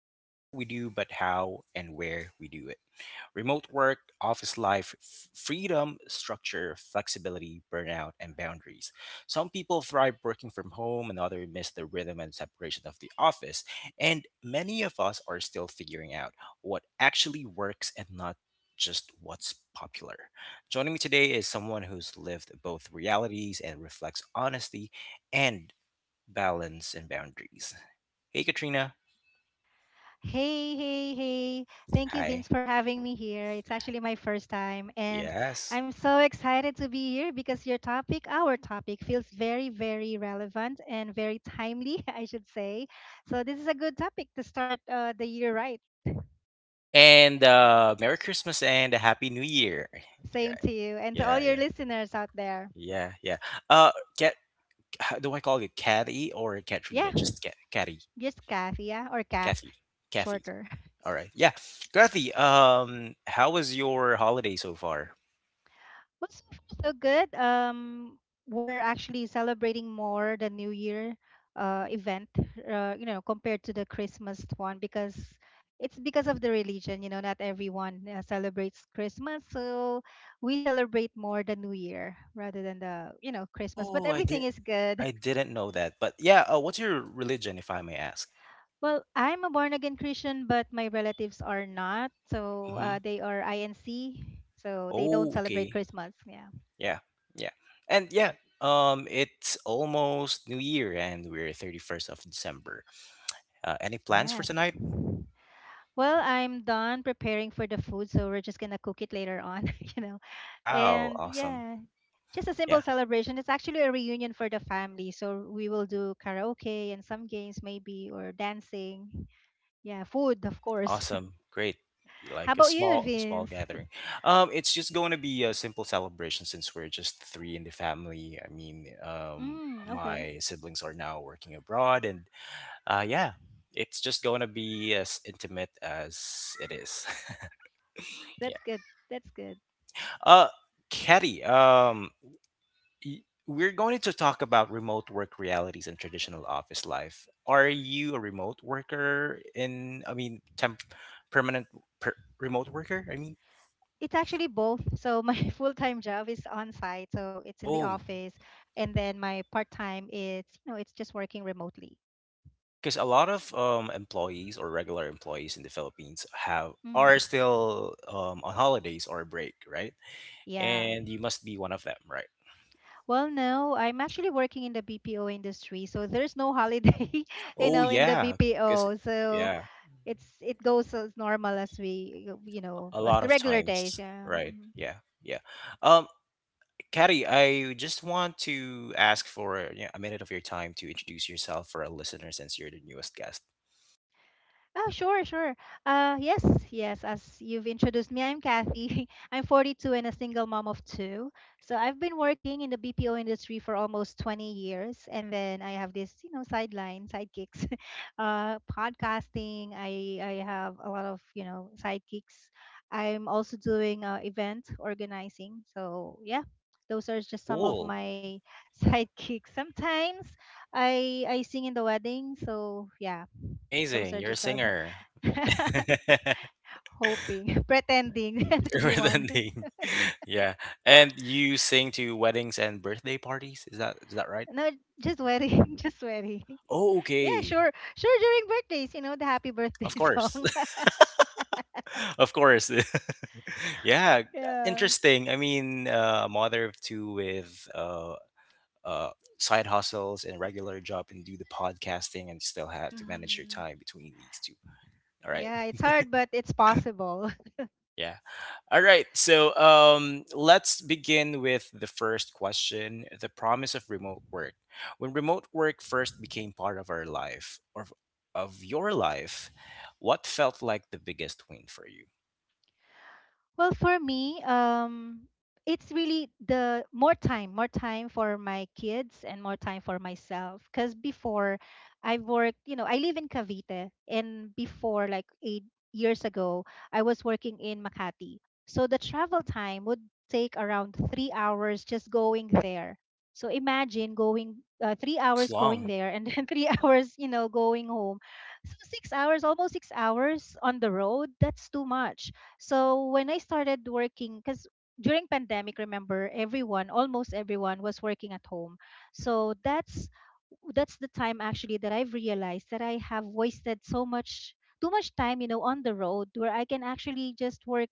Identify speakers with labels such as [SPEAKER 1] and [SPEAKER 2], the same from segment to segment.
[SPEAKER 1] not just what we do, but how and where we do it. Remote work, office life, freedom, structure, flexibility, burnout, and boundaries. Some people thrive working from home, and others miss the rhythm and separation of the office. And many of us are still figuring out what actually works and not just what's popular. Joining me today is someone who's lived both realities and reflects honestly and balance and boundaries. Hey, Katrina.
[SPEAKER 2] Hey, hey, hey. Thank you,
[SPEAKER 1] Hi.
[SPEAKER 2] Vince, for having me here. It's actually my first time, and
[SPEAKER 1] Yes.
[SPEAKER 2] I'm so excited to be here because your topic, our topic, feels very, very relevant and very timely, I should say. So, this is a good topic to start the year right.
[SPEAKER 1] And Merry Christmas and a Happy New Year. Yeah,
[SPEAKER 2] Same to you and to all
[SPEAKER 1] yeah,
[SPEAKER 2] your
[SPEAKER 1] yeah,
[SPEAKER 2] listeners out there.
[SPEAKER 1] yeah, yeah. Uh, get How do I call it, Kathy or
[SPEAKER 2] Yeah,
[SPEAKER 1] Katrina? Just Cat, Kathy,
[SPEAKER 2] just Kath, yeah, or Kath,
[SPEAKER 1] Kathy, Kathy.
[SPEAKER 2] shorter.
[SPEAKER 1] All right. Yeah, Kathy. How was your holiday so far?
[SPEAKER 2] Well, so far so good. We're actually celebrating more the New Year event, you know, compared to the Christmas one because it's because of the religion. You know, not everyone celebrates Christmas, so we celebrate more the New Year rather than the you know Christmas. But
[SPEAKER 1] Oh, I
[SPEAKER 2] everything
[SPEAKER 1] did.
[SPEAKER 2] is good.
[SPEAKER 1] I didn't know that. But yeah, what's your religion, if I may ask?
[SPEAKER 2] Well, I'm a born again Christian, but my relatives are not, so
[SPEAKER 1] Mm-hmm.
[SPEAKER 2] they are INC, so they don't
[SPEAKER 1] Oh,
[SPEAKER 2] celebrate
[SPEAKER 1] okay.
[SPEAKER 2] Christmas. Yeah.
[SPEAKER 1] Yeah, yeah, and yeah. It's almost New Year, and we're 31st of December. Any plans for
[SPEAKER 2] Yes.
[SPEAKER 1] tonight?
[SPEAKER 2] Well, I'm done preparing for the food, so we're just gonna cook it later on, you know.
[SPEAKER 1] Wow,
[SPEAKER 2] And
[SPEAKER 1] awesome.
[SPEAKER 2] yeah, just a simple
[SPEAKER 1] Yeah,
[SPEAKER 2] celebration. It's actually a reunion for the family, so we will do karaoke and some games maybe or dancing. Yeah, food, of course.
[SPEAKER 1] awesome, great.
[SPEAKER 2] How
[SPEAKER 1] Like a
[SPEAKER 2] about you,
[SPEAKER 1] small
[SPEAKER 2] Vince?
[SPEAKER 1] gathering. It's just going to be a simple celebration since we're just three in the family. I mean,
[SPEAKER 2] Mm, okay.
[SPEAKER 1] my siblings are now working abroad, and yeah, it's just going to be as intimate as it is.
[SPEAKER 2] That's
[SPEAKER 1] yeah.
[SPEAKER 2] good. That's good.
[SPEAKER 1] Uh, Katie, we're going to talk about remote work realities and traditional office life. Are you a remote worker in, I mean, permanent per, remote worker? I mean,
[SPEAKER 2] It's actually both. So my full-time job is on-site, so it's in the
[SPEAKER 1] oh,
[SPEAKER 2] office, and then my part-time it's, you know, it's just working remotely.
[SPEAKER 1] yeah, because a lot of employees or regular employees in the Philippines have
[SPEAKER 2] Mm.
[SPEAKER 1] are still on holidays or break, right?
[SPEAKER 2] Yeah.
[SPEAKER 1] And you must be one of them, right?
[SPEAKER 2] Well, no, I'm actually working in the BPO industry, so there's no holiday, you
[SPEAKER 1] Oh,
[SPEAKER 2] know, in the
[SPEAKER 1] yeah, because,
[SPEAKER 2] BPO. So
[SPEAKER 1] yeah,
[SPEAKER 2] it goes as normal as we, you know,
[SPEAKER 1] a
[SPEAKER 2] as
[SPEAKER 1] lot
[SPEAKER 2] the
[SPEAKER 1] of
[SPEAKER 2] regular days.
[SPEAKER 1] times,
[SPEAKER 2] Yeah.
[SPEAKER 1] right?
[SPEAKER 2] Mm-hmm.
[SPEAKER 1] Yeah, yeah. Um, Caddy, I just want to ask for yeah, a minute of your time to introduce yourself for our listeners since you're the newest guest.
[SPEAKER 2] Oh, sure, sure. Yes, yes. As you've introduced me, I'm Kathy. I'm 42 and a single mom of two. So I've been working in the BPO industry for almost 20 years, and then I have this, you know, sideline, sidekicks, podcasting. I have a lot of, you know, sidekicks. I'm also doing event organizing. So yeah, those are just some of
[SPEAKER 1] Cool.
[SPEAKER 2] my sidekicks. Sometimes I sing in the wedding. So yeah, those
[SPEAKER 1] Amazing.
[SPEAKER 2] are
[SPEAKER 1] You're a
[SPEAKER 2] just some.
[SPEAKER 1] singer.
[SPEAKER 2] Hoping, pretending to
[SPEAKER 1] You're
[SPEAKER 2] be
[SPEAKER 1] with a
[SPEAKER 2] one.
[SPEAKER 1] name. Yeah. And you sing to weddings and birthday parties? Is that right?
[SPEAKER 2] No, just wearing, just wearing.
[SPEAKER 1] Oh,
[SPEAKER 2] Yeah,
[SPEAKER 1] okay.
[SPEAKER 2] sure. Sure, during birthdays, you know, the happy birthday
[SPEAKER 1] Of course.
[SPEAKER 2] song.
[SPEAKER 1] of course. yeah.
[SPEAKER 2] Yeah.
[SPEAKER 1] Interesting. I mean, mother of two with uh, side hustles and regular job and do the podcasting and still have to manage your
[SPEAKER 2] Hmm.
[SPEAKER 1] time between these two. All right.
[SPEAKER 2] Yeah, it's hard, but it's possible.
[SPEAKER 1] Yeah. All right. So let's begin with the first question, the promise of remote work. When remote work first became part of our life or of your life, what felt like the biggest win for you?
[SPEAKER 2] Well, for me, it's really the more time for my kids and more time for myself. Because before, I worked, you know, I live in Cavite, and before, like 8 years ago, I was working in Makati. So the travel time would take around 3 hours just going there. So imagine going three
[SPEAKER 1] That's
[SPEAKER 2] hours going
[SPEAKER 1] long.
[SPEAKER 2] there and then 3 hours, you know, going home. So 6 hours, almost 6 hours on the road. That's too much. So when I started working, because during pandemic, remember everyone, almost everyone was working at home. So that's the time actually that I've realized that I have wasted so much too much time, you know, on the road where I can actually just work,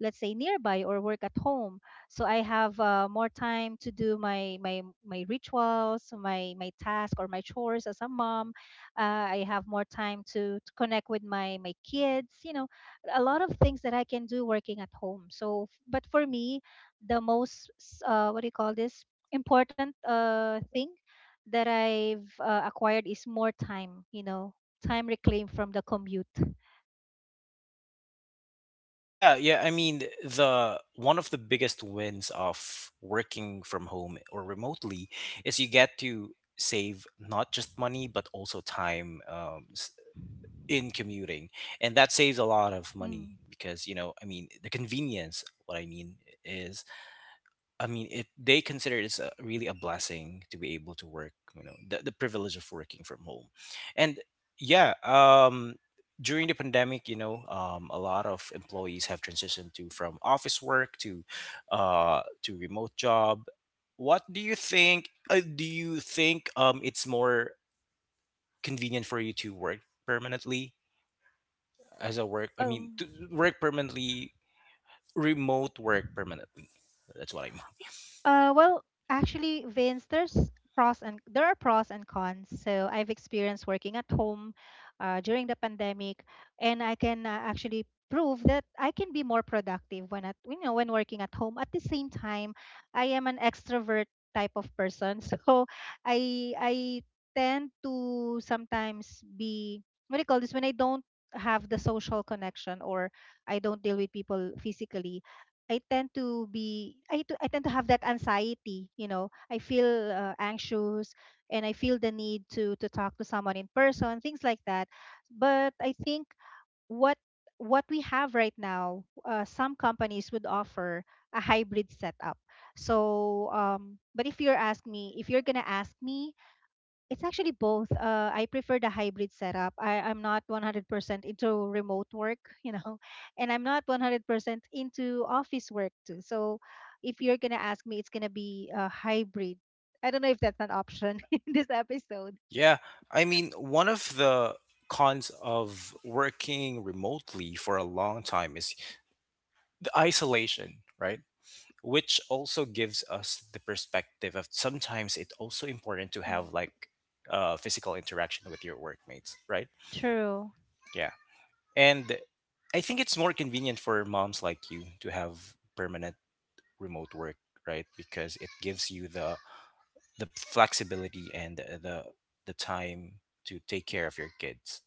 [SPEAKER 2] let's say nearby, or work at home, so I have more time to do my rituals, my task or my chores as a mom. I have more time to connect with my kids, you know. A lot of things that I can do working at home. So but for me, what do you call this, important thing that I've acquired is more time, you know. Time reclaimed from the commute.
[SPEAKER 1] Yeah, yeah. I mean, the one of the biggest wins of working from home or remotely is you get to save not just money but also time, in commuting, and that saves a lot of money
[SPEAKER 2] mm.
[SPEAKER 1] because you know, I mean, the convenience. What I mean is, I mean, it they consider it's really a blessing to be able to work, you know, the privilege of working from home. And yeah, during the pandemic, you know, a lot of employees have transitioned to from office work to remote job. What do you think? Do you think it's more convenient for you to work permanently as a work? I mean,
[SPEAKER 2] um
[SPEAKER 1] to work permanently, remote work permanently. That's what I mean.
[SPEAKER 2] Well, actually, Vince, there are pros and cons. So I've experienced working at home during the pandemic, and I can actually prove that I can be more productive when at, you know, when working at home. At the same time, I am an extrovert type of person, so I tend to sometimes be, what do you call this, when I don't have the social connection or I don't deal with people physically. I tend to have that anxiety, you know. I feel anxious and I feel the need to talk to someone in person, things like that. But I think what what we have right now, some companies would offer a hybrid setup. So, but if you're gonna ask me, it's actually both. I prefer the hybrid setup. I'm not 100% into remote work, you know, and I'm not 100% into office work too. So if you're going to ask me, it's going to be a hybrid. I don't know if that's an option in this episode.
[SPEAKER 1] Yeah, I mean, one of the cons of working remotely for a long time is the isolation, right? Which also gives us the perspective of sometimes it's also important to
[SPEAKER 2] Mm.
[SPEAKER 1] have like physical interaction with your workmates, right?
[SPEAKER 2] True.
[SPEAKER 1] Yeah. And I think it's more convenient for moms like you to have permanent remote work, right? Because it gives you the flexibility and the time to take care of your kids,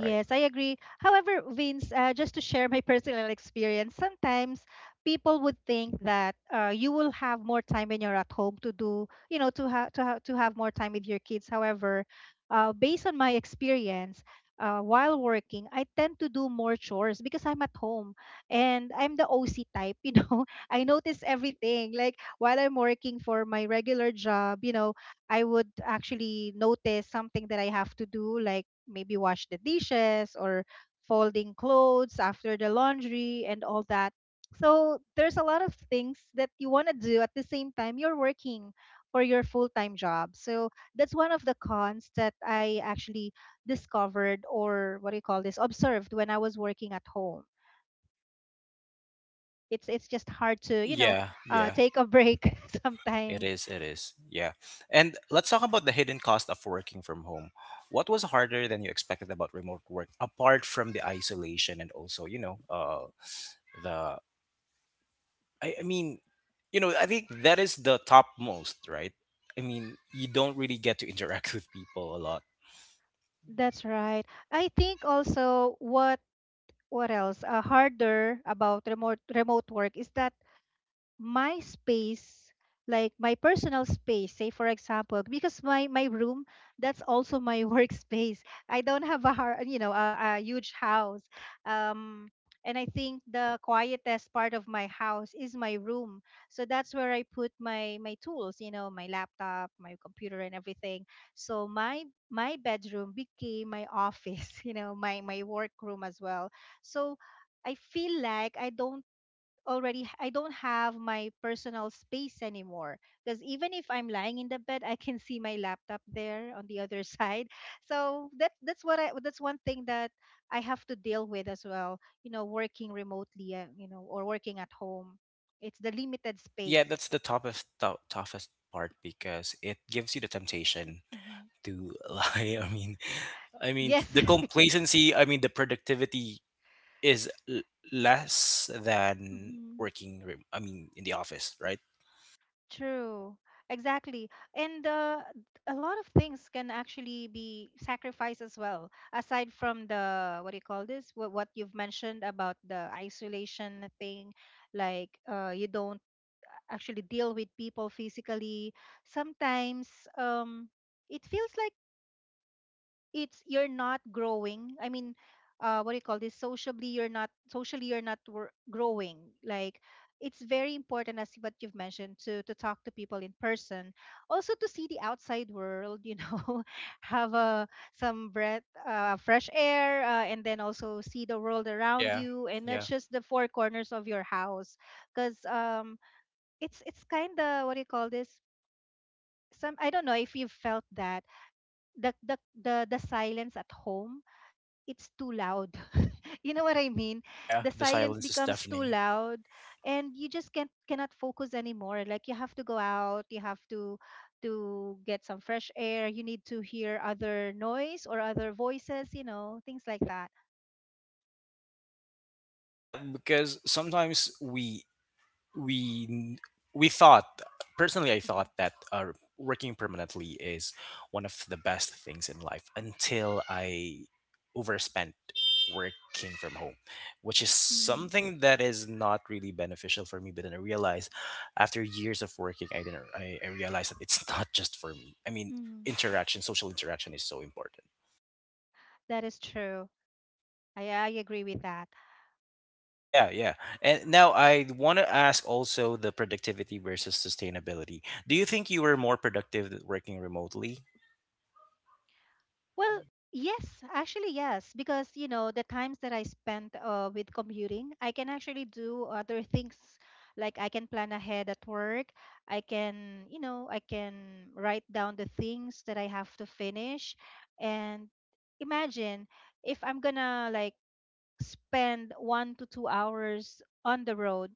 [SPEAKER 1] right?
[SPEAKER 2] I agree. However, Vince, just to share my personal experience, sometimes people would think that you will have more time when you're at home to do, you know, to have more time with your kids. However, based on my experience, while working, I tend to do more chores because I'm at home and I'm the OC type. You know, I notice everything. Like while I'm working for my regular job, you know, I would actually notice something that I have to do, like maybe wash the dishes or folding clothes after the laundry and all that. So there's a lot of things that you want to do at the same time you're working for your full time job. So that's one of the cons that I actually discovered, or what do you call this, observed, when I was working at home. It's just hard to, you know,
[SPEAKER 1] Yeah, yeah,
[SPEAKER 2] take a break
[SPEAKER 1] it
[SPEAKER 2] sometimes.
[SPEAKER 1] is. It is. Yeah. And let's talk about the hidden cost of working from home. What was harder than you expected about remote work, apart from the isolation and also, you know, the, I mean, you know, I think that is the topmost, right? I mean, you don't really get to interact with people a lot.
[SPEAKER 2] That's right. I think also what else harder about remote work is that my space, like my personal space, say for example, because my room, that's also my workspace. I don't have you know, a huge house. um and I think the quietest part of my house is my room, so that's where I put my tools, you know, my laptop, my computer, and everything. So my bedroom became my office, you know, my workroom as well. So I feel like I don't have my personal space anymore, because even if I'm lying in the bed, I can see my laptop there on the other side. So that's what I that's one thing that I have to deal with as well. You know, working remotely, you know, or working at home, it's the limited
[SPEAKER 1] Yeah,
[SPEAKER 2] space.
[SPEAKER 1] that's the toughest part because it gives you the temptation
[SPEAKER 2] Mhm.
[SPEAKER 1] to lie. I mean,
[SPEAKER 2] Yes.
[SPEAKER 1] the complacency, I mean, the productivity is less than
[SPEAKER 2] Mhm.
[SPEAKER 1] working in the office, right?
[SPEAKER 2] True. Exactly. And a lot of things can actually be sacrificed as well, aside from what do you call this, what you've mentioned about the isolation thing, like you don't actually deal with people physically. Sometimes um, it feels like it's you're not growing, what do you call this, socially you're not, growing. Like, it's very important, as what you've mentioned, to talk to people in person, also to see the outside world, you know, have a some breath, fresh air, and then also see the world around
[SPEAKER 1] Yeah,
[SPEAKER 2] you and not
[SPEAKER 1] yeah,
[SPEAKER 2] just the four corners of your house, because it's kind of, what do you call this, some, I don't know if you've felt that, the the the silence at home, it's too loud. You know what I mean?
[SPEAKER 1] yeah.
[SPEAKER 2] The
[SPEAKER 1] The
[SPEAKER 2] silence
[SPEAKER 1] silence is
[SPEAKER 2] becomes too
[SPEAKER 1] deafening.
[SPEAKER 2] loud and you just can't cannot focus anymore. Like you have to go out, you have to to get some fresh air, you need to hear other noise or other voices, you know, things like that.
[SPEAKER 1] Yeah, because sometimes we we thought, personally I thought
[SPEAKER 2] Mhm.
[SPEAKER 1] that working permanently is one of the best things in life until I overspent working from home, which is
[SPEAKER 2] Mhm.
[SPEAKER 1] something that is not really beneficial for me, but then I realized after years of working I didn't I realized that it's not just for me. I mean,
[SPEAKER 2] Mhm.
[SPEAKER 1] interaction, social interaction is so important.
[SPEAKER 2] That is true. I agree with that.
[SPEAKER 1] Yeah, yeah. And now I want to ask also the productivity versus sustainability. Do you think you were more productive working remotely?
[SPEAKER 2] Well, yes, actually, yes, because you know the times that I spent with commuting, I can actually do other things. Like I can plan ahead at work. I can, you know, I can write down the things that I have to finish. And imagine if I'm gonna like spend 1 to 2 hours on the road,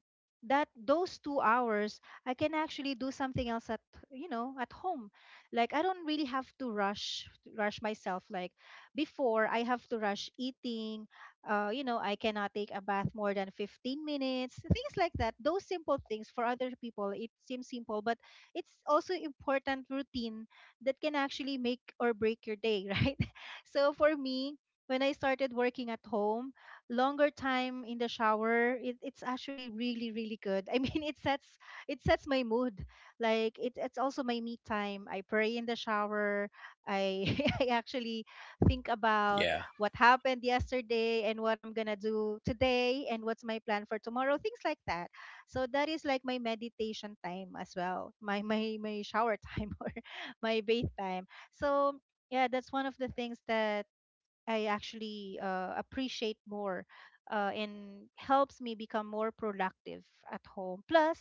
[SPEAKER 2] that those 2 hours I can actually do something else at, at home. Like I don't really have to rush myself. Like before, I have to rush eating, I cannot take a bath more than 15 minutes. Things like that, those simple things, for other people it seems simple, but it's also important routine that can actually make or break your day. Right? So for me, when I started working at home, longer time in the shower, it's actually really good. I mean, it sets, it sets my mood. Like it's also my me time. I pray in the shower. I I actually think about
[SPEAKER 1] Yeah,
[SPEAKER 2] what happened yesterday, and what I'm gonna do today, and what's my plan for tomorrow, things like that. So that is like my meditation time as well. My shower time or my bath time. So yeah, that's one of the things that I actually appreciate more, and helps me become more productive at home. Plus,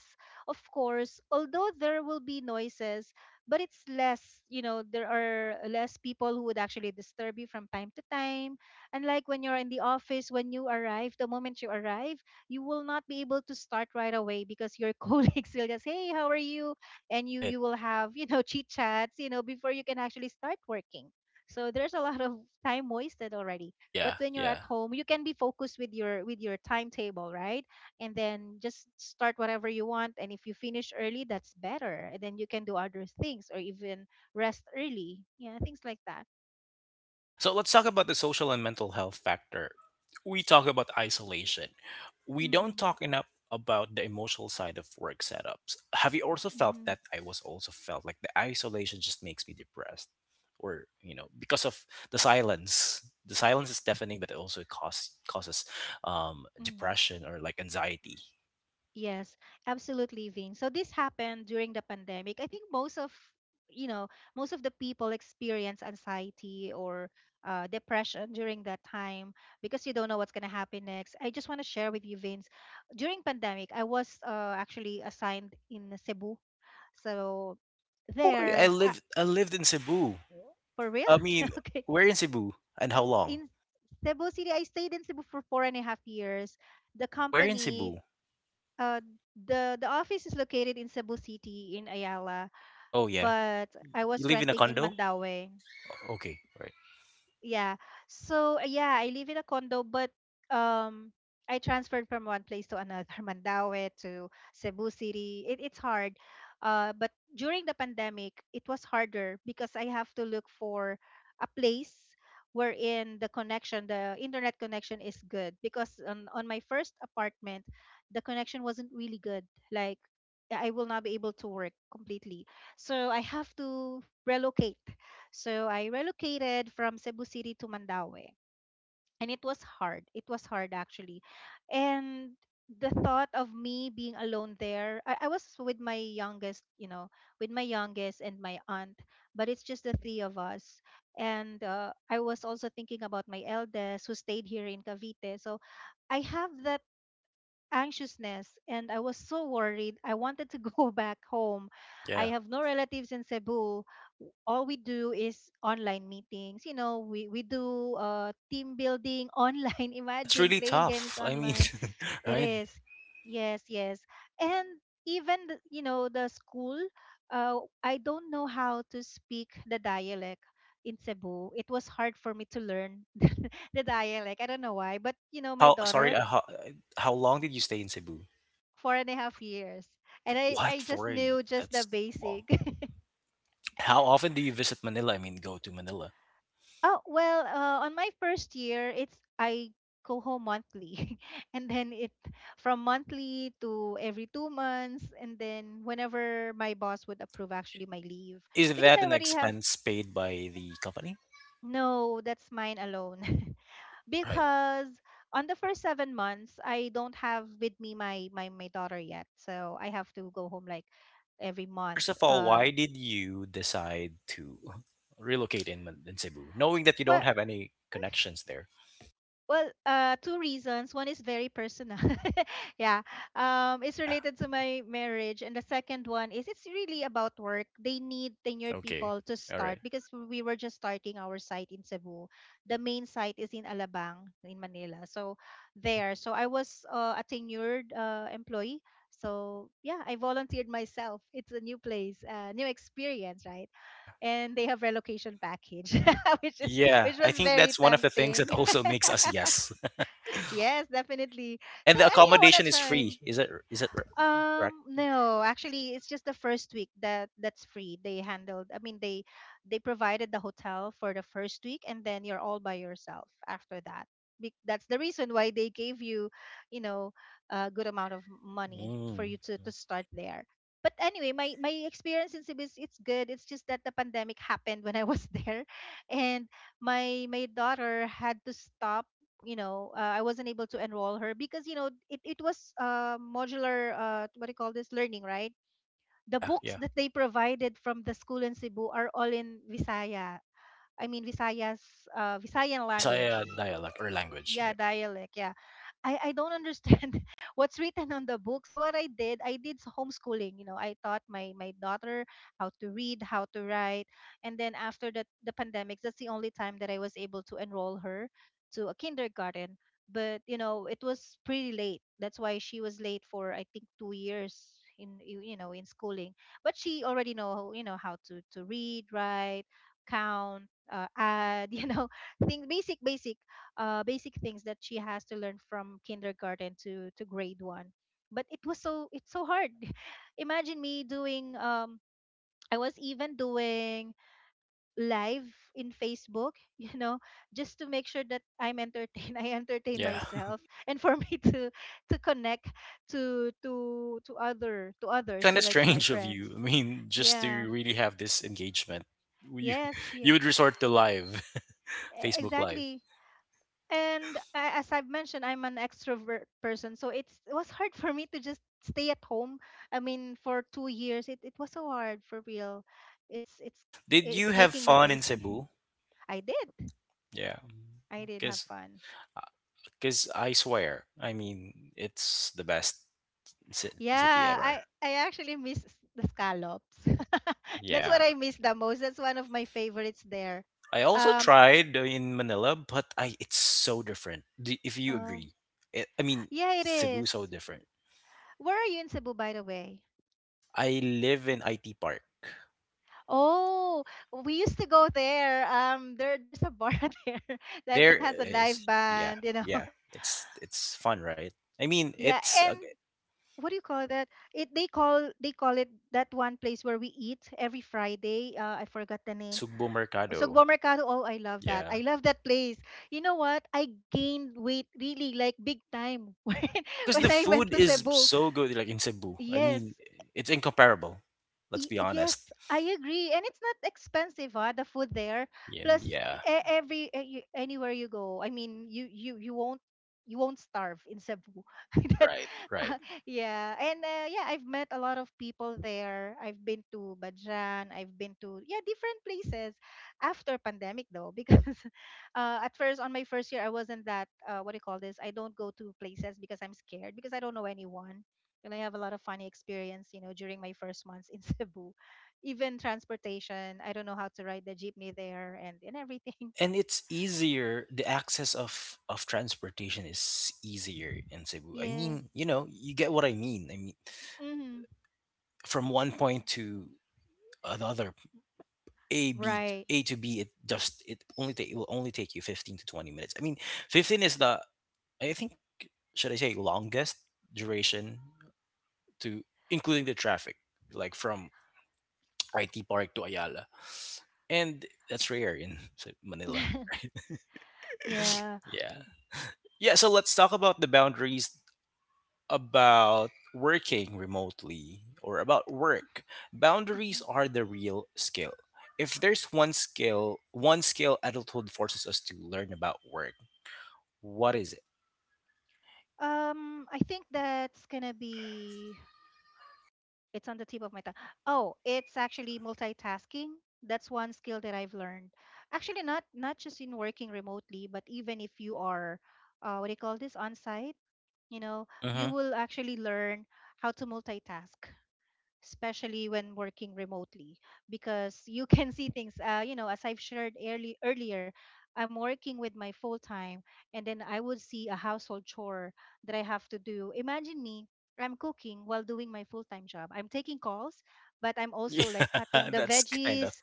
[SPEAKER 2] of course, although there will be noises, but it's less. There are less people who would actually disturb you from time to time. And like when you're in the office, when you arrive, the moment you arrive, you will not be able to start right away because your colleagues will just, hey, how are you? And you
[SPEAKER 1] right.
[SPEAKER 2] you will have, chit chats, before you can actually start working. So there's a lot of time wasted already. But
[SPEAKER 1] Yeah,
[SPEAKER 2] when you're at
[SPEAKER 1] yeah.
[SPEAKER 2] home, you can be focused with your timetable, right? And then just start whatever you want, and if you finish early, that's better, and then you can do other things, or even rest early. Yeah, things like that.
[SPEAKER 1] So let's talk about the social and mental health factor. We talk about isolation. We don't
[SPEAKER 2] Mm-hmm.
[SPEAKER 1] talk enough about the emotional side of work setups. Have you also felt
[SPEAKER 2] Mm-hmm.
[SPEAKER 1] that I was also felt like the isolation just makes me depressed? Or, you know, because of the silence. The silence is deafening, but it also causes
[SPEAKER 2] Mm.
[SPEAKER 1] depression or like anxiety.
[SPEAKER 2] Yes, absolutely, Vin. So this happened during the pandemic. I think most of, you know most of the people experience anxiety or depression during that time, because you don't know what's going to happen next. I just want to share with you, Vince. During pandemic, I was actually assigned in Cebu, so
[SPEAKER 1] Oh, I
[SPEAKER 2] there,
[SPEAKER 1] lived, I lived in Cebu.
[SPEAKER 2] for real.
[SPEAKER 1] I mean,
[SPEAKER 2] Okay,
[SPEAKER 1] where in Cebu and how long?
[SPEAKER 2] in Cebu City, I stayed in Cebu for four and a half years. The
[SPEAKER 1] Where in
[SPEAKER 2] company,
[SPEAKER 1] Cebu?
[SPEAKER 2] uh, the office is located in Cebu City in Ayala,
[SPEAKER 1] Oh yeah,
[SPEAKER 2] but I
[SPEAKER 1] you
[SPEAKER 2] was
[SPEAKER 1] live in a
[SPEAKER 2] renting in
[SPEAKER 1] condo?
[SPEAKER 2] Mandaue.
[SPEAKER 1] Okay, right.
[SPEAKER 2] Yeah. So yeah, I live in a condo, but um, I transferred from one place to another, Mandaue to Cebu City. It's hard. But during the pandemic, it was harder because I have to look for a place wherein the connection, the internet connection is good. Because on my first apartment, the connection wasn't really good. Like I will not be able to work completely. So I have to relocate, so I relocated from Cebu City to Mandaue. And it was hard. It was hard actually. And the thought of me being alone there, I was with my youngest, you know, with my youngest and my aunt, but it's just the three of us. And I was also thinking about my eldest who stayed here in Cavite. So I have that anxiousness, and I was so worried. I wanted to go back home.
[SPEAKER 1] Yeah.
[SPEAKER 2] I have no relatives in Cebu. W- All we do is online meetings. You know, we do team building online.
[SPEAKER 1] That's
[SPEAKER 2] Imagine
[SPEAKER 1] really
[SPEAKER 2] playing games
[SPEAKER 1] tough. I mean,
[SPEAKER 2] online. It
[SPEAKER 1] right?
[SPEAKER 2] is. Yes, yes. And even, the, you know, the school, I don't know how to speak the dialect in Cebu. It was hard for me to learn the dialect. I don't know why, but you know, my
[SPEAKER 1] How sorry,
[SPEAKER 2] daughter,
[SPEAKER 1] how long did you stay in Cebu?
[SPEAKER 2] four and a half years. And I,
[SPEAKER 1] What
[SPEAKER 2] I just
[SPEAKER 1] for a
[SPEAKER 2] knew just the
[SPEAKER 1] that's long.
[SPEAKER 2] basic.
[SPEAKER 1] How often do you visit Manila? I mean, go to Manila.
[SPEAKER 2] Oh, well, on my first year, it's I go home monthly. And then it, from monthly to every 2 months. And then whenever my boss would approve actually my leave,
[SPEAKER 1] Is
[SPEAKER 2] because
[SPEAKER 1] that
[SPEAKER 2] I
[SPEAKER 1] an
[SPEAKER 2] already have,
[SPEAKER 1] expense paid by the company?
[SPEAKER 2] no, that's mine alone.
[SPEAKER 1] Right.
[SPEAKER 2] Because on the first 7 months, I don't have with me my daughter yet. So I have to go home like every month.
[SPEAKER 1] First of all, why did you decide to relocate in in Cebu, knowing that you don't
[SPEAKER 2] Well,
[SPEAKER 1] have any connections there?
[SPEAKER 2] Well, two reasons. One is very personal. Yeah. It's
[SPEAKER 1] Yeah.
[SPEAKER 2] related to my marriage. And the second one is it's really about work. They need tenured
[SPEAKER 1] Okay.
[SPEAKER 2] people to
[SPEAKER 1] All
[SPEAKER 2] start
[SPEAKER 1] right.
[SPEAKER 2] because we were just starting our site in Cebu. The main site is in Alabang, in Manila. So
[SPEAKER 1] Mhm.
[SPEAKER 2] there. So I was a tenured employee. So yeah, I volunteered myself. It's a new place, new experience, right?
[SPEAKER 1] Yeah.
[SPEAKER 2] And they have relocation package, which is,
[SPEAKER 1] Yeah,
[SPEAKER 2] which
[SPEAKER 1] I
[SPEAKER 2] was
[SPEAKER 1] think
[SPEAKER 2] very
[SPEAKER 1] that's one of the things
[SPEAKER 2] tempting.
[SPEAKER 1] that also makes us yes.
[SPEAKER 2] Yes, definitely. So
[SPEAKER 1] And the
[SPEAKER 2] I mean, I wanna
[SPEAKER 1] accommodation is
[SPEAKER 2] try.
[SPEAKER 1] free. Is that correct?
[SPEAKER 2] No, actually, it's just the first week that that's free. They handled. I mean, they provided the hotel for the first week, and then you're all by yourself after that. Be- That's the reason why they gave you, you know, a good amount of money for
[SPEAKER 1] Mm.
[SPEAKER 2] you to start there. But anyway, my experience in Cebu is it's good. It's just that the pandemic happened when I was there, and my daughter had to stop, I wasn't able to enroll her because you know it was modular, what do you call this, learning, right? The
[SPEAKER 1] Yeah,
[SPEAKER 2] books
[SPEAKER 1] yeah.
[SPEAKER 2] that they provided from the school in Cebu are all in Visaya. I mean Visaya's, Visayan language.
[SPEAKER 1] Bisaya dialect or language.
[SPEAKER 2] Yeah,
[SPEAKER 1] Yeah.
[SPEAKER 2] dialect, yeah. I don't understand what's written on the book, so what I did, I did s- homeschooling. You know, I taught my daughter how to read, how to write. And then after the pandemic, that's the only time that I was able to enroll her to a kindergarten. But you know, it was pretty late. That's why she was late for, I think, 2 years in, you know, in schooling. But she already know, you know, how to read, write, count, add, you know, thing, basic, basic things that she has to learn from kindergarten to grade one. But it was so, it's so hard. Imagine me doing, I was even doing live in Facebook, you know, just to make sure that I'm entertained. I entertain
[SPEAKER 1] Yeah.
[SPEAKER 2] myself and for me to connect to other, to
[SPEAKER 1] That's
[SPEAKER 2] others,
[SPEAKER 1] kind
[SPEAKER 2] you
[SPEAKER 1] of
[SPEAKER 2] know, like to my
[SPEAKER 1] strange of
[SPEAKER 2] friends.
[SPEAKER 1] you. I mean, just
[SPEAKER 2] Yeah.
[SPEAKER 1] to really have this engagement, you
[SPEAKER 2] Yes,
[SPEAKER 1] you
[SPEAKER 2] yes.
[SPEAKER 1] would resort to live,
[SPEAKER 2] E-
[SPEAKER 1] Facebook Live.
[SPEAKER 2] Exactly. And a- as I've mentioned, I'm an extrovert person, so it's it was hard for me to just stay at home. I mean, for 2 years, it was so hard for real. It's
[SPEAKER 1] Did you
[SPEAKER 2] it's
[SPEAKER 1] have
[SPEAKER 2] making me
[SPEAKER 1] fun in
[SPEAKER 2] crazy.
[SPEAKER 1] Cebu?
[SPEAKER 2] I did,
[SPEAKER 1] Yeah,
[SPEAKER 2] I did have
[SPEAKER 1] because
[SPEAKER 2] fun.
[SPEAKER 1] because I swear, I mean, it's the best city
[SPEAKER 2] Yeah,
[SPEAKER 1] ever.
[SPEAKER 2] I actually miss s- the scallops. That's what
[SPEAKER 1] Yeah,
[SPEAKER 2] I miss the most. That's one of my favorites there.
[SPEAKER 1] I also
[SPEAKER 2] Um,
[SPEAKER 1] tried in Manila, but I it's so different. Do, if you
[SPEAKER 2] uh,
[SPEAKER 1] agree, it, I mean
[SPEAKER 2] yeah, it
[SPEAKER 1] Cebu
[SPEAKER 2] is.
[SPEAKER 1] is so different.
[SPEAKER 2] Where are you in Cebu, by the way?
[SPEAKER 1] I live in IT Park.
[SPEAKER 2] Oh, we used to go there. There's a bar there that
[SPEAKER 1] There
[SPEAKER 2] has a live
[SPEAKER 1] is yeah
[SPEAKER 2] band, you know.
[SPEAKER 1] yeah. It's fun, right? I mean
[SPEAKER 2] Yeah,
[SPEAKER 1] it's
[SPEAKER 2] and what do you call that? It, they call it that one place where we eat every Friday. I forgot the name.
[SPEAKER 1] Sugbo Mercado.
[SPEAKER 2] Sugbo Mercado. Oh, I love that.
[SPEAKER 1] Yeah,
[SPEAKER 2] I love that place. You know what? I gained weight really like big time
[SPEAKER 1] because
[SPEAKER 2] when
[SPEAKER 1] the
[SPEAKER 2] I went
[SPEAKER 1] food
[SPEAKER 2] to
[SPEAKER 1] is
[SPEAKER 2] Cebu.
[SPEAKER 1] so good. Like in Cebu, I
[SPEAKER 2] Yes.
[SPEAKER 1] mean it's incomparable. Let's
[SPEAKER 2] Y-
[SPEAKER 1] be honest.
[SPEAKER 2] Yes, I agree. And it's not expensive, huh, the food there. Plus
[SPEAKER 1] And yeah,
[SPEAKER 2] e- every eh, you- anywhere you go. I mean, you won't, you won't starve in Cebu. That,
[SPEAKER 1] right, right.
[SPEAKER 2] uh, yeah. And yeah, I've met a lot of people there. I've been to Bajan, I've been to, yeah, different places after pandemic though, because at first on my first year I wasn't that, what do you call this? I don't go to places because I'm scared because I don't know anyone. And I have a lot of funny experience, you know, during my first months in Cebu. Even transportation, I don't know how to ride the jeepney there, and everything.
[SPEAKER 1] And it's easier, the access of transportation is easier in Cebu. I
[SPEAKER 2] Yeah.
[SPEAKER 1] mean, you know, you get what I mean. I mean
[SPEAKER 2] Hmm.
[SPEAKER 1] from one point to another, a b,
[SPEAKER 2] Right.
[SPEAKER 1] a to b, it just it only take, it will only take you 15 to 20 minutes. I mean, 15 is the, I think, should I say longest duration to, including the traffic, like from IT Park to Ayala, and that's rare in Manila.
[SPEAKER 2] Yeah.
[SPEAKER 1] yeah. Yeah, so let's talk about the boundaries about working remotely or about work. Boundaries
[SPEAKER 2] Mhm.
[SPEAKER 1] are the real skill. If there's one skill adulthood forces us to learn about work, what is it?
[SPEAKER 2] I think that's gonna be, it's on the tip of my tongue. Oh, it's actually multitasking. That's one skill that I've learned. Actually, not just in working remotely, but even if you are what do you call this, on site, you know,
[SPEAKER 1] Mm-hmm.
[SPEAKER 2] you will actually learn how to multitask, especially when working remotely. Because you can see things, you know, as I've shared earlier, I'm working with my full time, and then I would see a household chore that I have to do. Imagine me, I'm cooking while doing my full time job, I'm taking calls, but I'm also like cutting
[SPEAKER 1] Yeah,
[SPEAKER 2] the
[SPEAKER 1] that's kind of
[SPEAKER 2] veggies.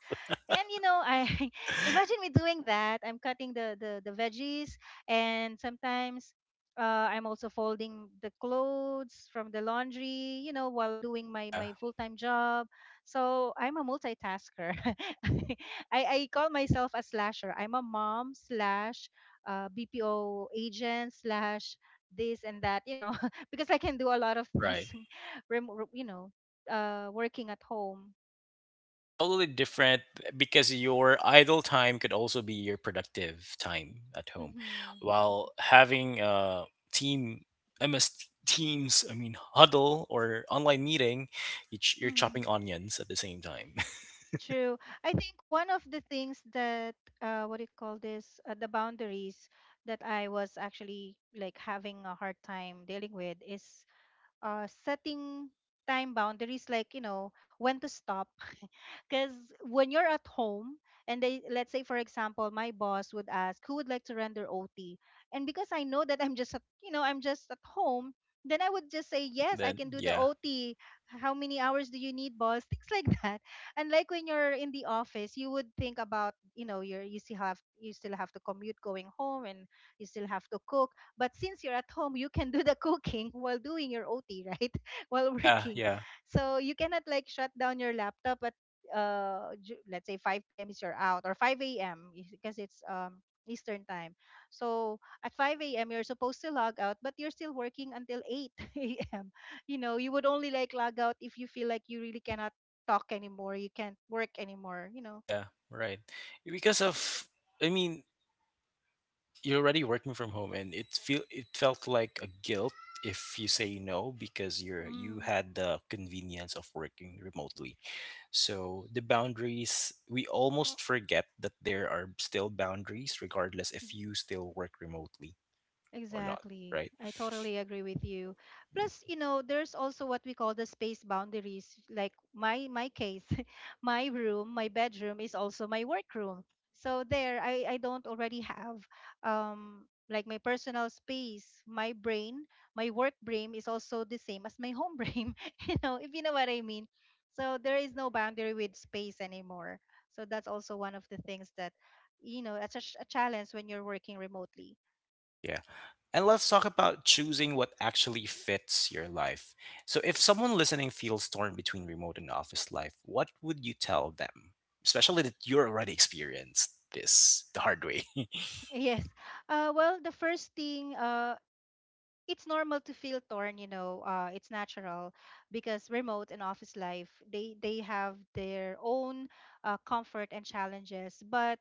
[SPEAKER 2] And you know, I imagine me doing that, I'm cutting the veggies, and sometimes I'm also folding the clothes from the laundry, you know, while doing my
[SPEAKER 1] yeah,
[SPEAKER 2] my full-time job. So I'm a multitasker. I call myself a slasher. I'm a mom slash BPO agent slash this and that, you know, because I can do a lot of
[SPEAKER 1] right.
[SPEAKER 2] things, rem- you know, working at home.
[SPEAKER 1] It's totally different eh, because your idle time could also be your productive time at home.
[SPEAKER 2] Mm-hmm.
[SPEAKER 1] While having a team MS Teams, I mean, huddle or online meeting, you you're chopping
[SPEAKER 2] Mm-hmm.
[SPEAKER 1] onions at the same time.
[SPEAKER 2] True. I think one of the things that what do you call this? The boundaries that I was actually like having a hard time dealing with is setting time boundaries, like you know, when to stop, because when you're at home and they let's say, for example, my boss would ask who would like to render OT. And because I know that I'm just at, you know, I'm just at home, then I would just say yes, I
[SPEAKER 1] then
[SPEAKER 2] can do the
[SPEAKER 1] yeah.
[SPEAKER 2] OT. How many hours do you need, boss? things like that. And like, when you're in the office, you would think about, you know, you still have to commute going home, and you still have to cook. But since you're at home, you can do the cooking while doing your OT, right? while
[SPEAKER 1] Yeah,
[SPEAKER 2] working.
[SPEAKER 1] yeah.
[SPEAKER 2] So you cannot like shut down your laptop at let's say 5 p.m., is you're out, or 5 a.m. is, because it's Eastern time. So at 5 a.m. you're supposed to log out, but you're still working until 8 a.m. You know, you would only like log out if you feel like you really cannot talk anymore, you can't work anymore, you know.
[SPEAKER 1] Yeah, right. Because of, I mean, you're already working from home, and it feel it felt like a guilt if you say no because you're you
[SPEAKER 2] Mm.
[SPEAKER 1] had the convenience of working remotely. So the boundaries, we almost forget that there are still boundaries, regardless if you still work remotely or not,
[SPEAKER 2] Exactly.
[SPEAKER 1] right?
[SPEAKER 2] I totally agree with you. Plus, you know, there's also what we call the space boundaries. Like, my case, my room, my bedroom is also my workroom. So there I don't already have um like my personal space. My brain, my work brain is also the same as my home brain, you know, if you know what I mean. So there is no boundary with space anymore. So that's also one of the things that, you know, it's a, a challenge when you're working remotely.
[SPEAKER 1] Yeah. And let's talk about choosing what actually fits your life. So, if someone listening feels torn between remote and office life, what would you tell them? Especially that you're already experienced this the hard way.
[SPEAKER 2] Yes. Well, the first thing, it's normal to feel torn, you know. It's natural, because remote and office life, they have their own comfort and challenges. But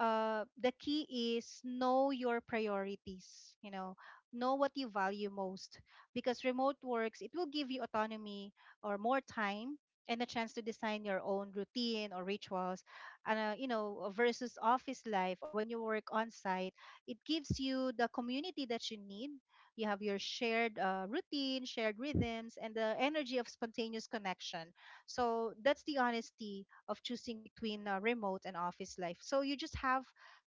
[SPEAKER 2] the key is, know your priorities, you know what you value most. Because remote works, it will give you autonomy or more time, and a chance to design your own routine or rituals. And you know, versus office life, or when you work on site, it gives you the community that you need. You have your shared routine, shared rhythms, and the energy of spontaneous connection. So that's the honesty of choosing between remote and office life. So you just have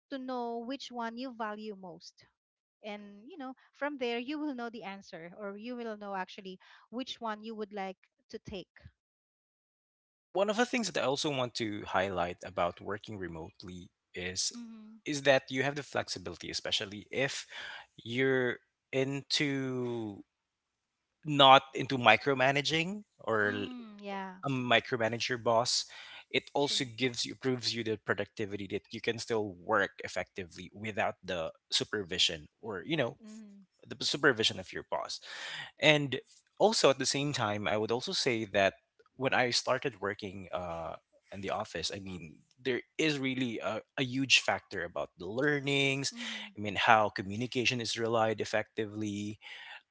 [SPEAKER 2] to know which one you value most. And you know, from there you will know the answer, or you will know actually which one you would like to take.
[SPEAKER 1] And one of the things that I also want to highlight about working remotely
[SPEAKER 2] Mm-hmm.
[SPEAKER 1] is that you have the flexibility, especially if you're into not into micromanaging or
[SPEAKER 2] Mm, yeah,
[SPEAKER 1] a micromanager boss, it also
[SPEAKER 2] true.
[SPEAKER 1] gives you proves you the productivity that you can still work effectively without the supervision or you know
[SPEAKER 2] Mm,
[SPEAKER 1] the supervision of your boss. And also at the same time, I would also say that when I started working in the office, I mean there is really a huge factor about the learnings.
[SPEAKER 2] mm-hmm.
[SPEAKER 1] I mean how communication is relied effectively,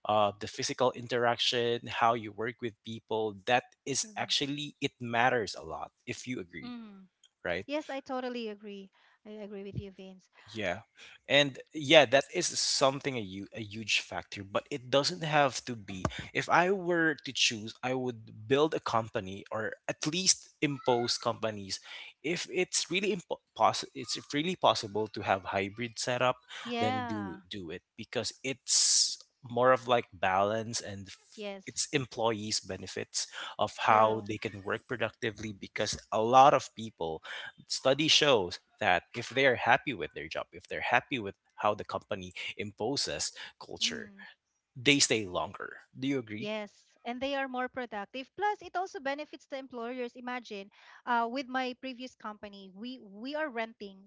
[SPEAKER 1] the physical interaction, how you work with people, that is
[SPEAKER 2] True.
[SPEAKER 1] actually, it matters a lot, if you agree,
[SPEAKER 2] Mm.
[SPEAKER 1] right?
[SPEAKER 2] Yes, I totally agree. I agree with you, Vince.
[SPEAKER 1] Yeah. And
[SPEAKER 2] So,
[SPEAKER 1] yeah, that is something a huge factor, but it doesn't have to be. If I were to choose, I would build a company or at least impose companies. If it's really it's really possible to have hybrid setup, then
[SPEAKER 2] yeah.
[SPEAKER 1] do it because it's more of like balance and
[SPEAKER 2] Yes.
[SPEAKER 1] it's employees benefits of how
[SPEAKER 2] True.
[SPEAKER 1] they can work productively because a lot of people study shows that if they are happy with their job, if they're happy with how the company imposes culture,
[SPEAKER 2] Mm,
[SPEAKER 1] they stay longer. Do you agree?
[SPEAKER 2] yes, and they are more productive. Plus, it also benefits the employers. Imagine, with my previous company, we are renting.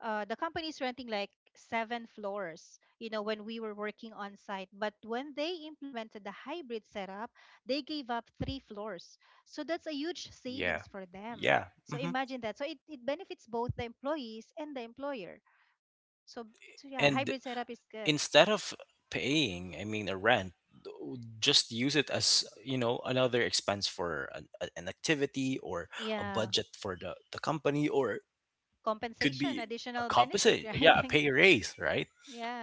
[SPEAKER 2] The company is renting like seven floors, you know, when we were working on site. But when they implemented the hybrid setup, they gave up three floors. So that's a huge
[SPEAKER 1] Yeah.
[SPEAKER 2] savings for them.
[SPEAKER 1] Yeah.
[SPEAKER 2] So
[SPEAKER 1] Hmm.
[SPEAKER 2] imagine that. So it benefits both the employees and the employer.
[SPEAKER 1] Right.
[SPEAKER 2] So yeah,
[SPEAKER 1] And
[SPEAKER 2] hybrid setup is good.
[SPEAKER 1] instead of paying, I mean, a rent, just use it as you know another expense for an activity or a
[SPEAKER 2] Yeah.
[SPEAKER 1] budget for the company, or it could
[SPEAKER 2] Compensation,
[SPEAKER 1] be a
[SPEAKER 2] additional benefit,
[SPEAKER 1] compensate
[SPEAKER 2] right?
[SPEAKER 1] yeah a
[SPEAKER 2] Like,
[SPEAKER 1] pay raise right,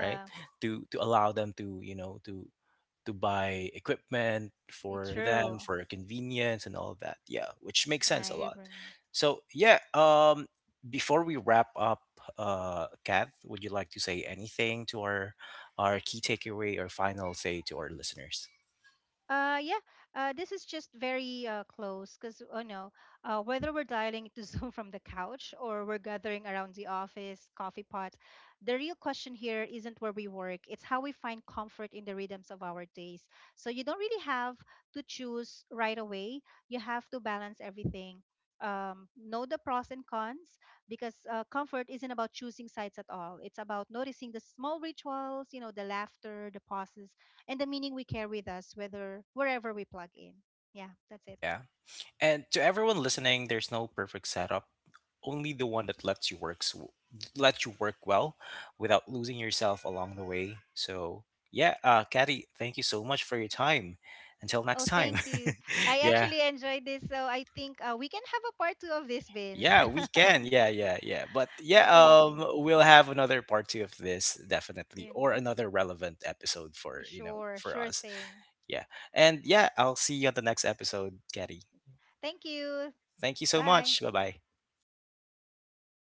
[SPEAKER 1] right, to allow them to you know to buy equipment
[SPEAKER 2] it's
[SPEAKER 1] for
[SPEAKER 2] true.
[SPEAKER 1] them for convenience and all of that. Yeah, which makes sense a
[SPEAKER 2] I
[SPEAKER 1] lot.
[SPEAKER 2] agree.
[SPEAKER 1] So yeah, before we wrap up, Kath, would you like to say anything to our key takeaway or final say to our listeners?
[SPEAKER 2] Yeah, this is just very close because, oh no, whether we're dialing into Zoom from the couch or we're gathering around the office coffee pot, the real question here isn't where we work, it's how we find comfort in the rhythms of our days. So you don't really have to choose right away, you have to balance everything. Know the pros and cons, because comfort isn't about choosing sides at all. It's about noticing the small rituals, you know, the laughter, the pauses, and the meaning we carry with us whether wherever we plug in. Yeah, that's it.
[SPEAKER 1] Yeah. And to everyone listening, there's no perfect setup, only the one that lets you lets you work well without losing yourself along the way. So yeah, Caddy, thank you so much for your time. Until
[SPEAKER 2] Oh,
[SPEAKER 1] next time.
[SPEAKER 2] thank you. I
[SPEAKER 1] yeah.
[SPEAKER 2] actually enjoyed this, so I think we can have a part two of this, Vince.
[SPEAKER 1] Yeah, we can. Yeah, yeah, yeah. But yeah,
[SPEAKER 2] definitely.
[SPEAKER 1] um, we'll have another part two of this definitely or
[SPEAKER 2] Yeah.
[SPEAKER 1] another relevant episode for, you know,
[SPEAKER 2] Sure,
[SPEAKER 1] for
[SPEAKER 2] sure
[SPEAKER 1] us.
[SPEAKER 2] thing.
[SPEAKER 1] Yeah. And yeah, I'll see you on the next episode, Caddy.
[SPEAKER 2] Thank you.
[SPEAKER 1] Thank you so
[SPEAKER 2] Bye.
[SPEAKER 1] much. Bye-bye.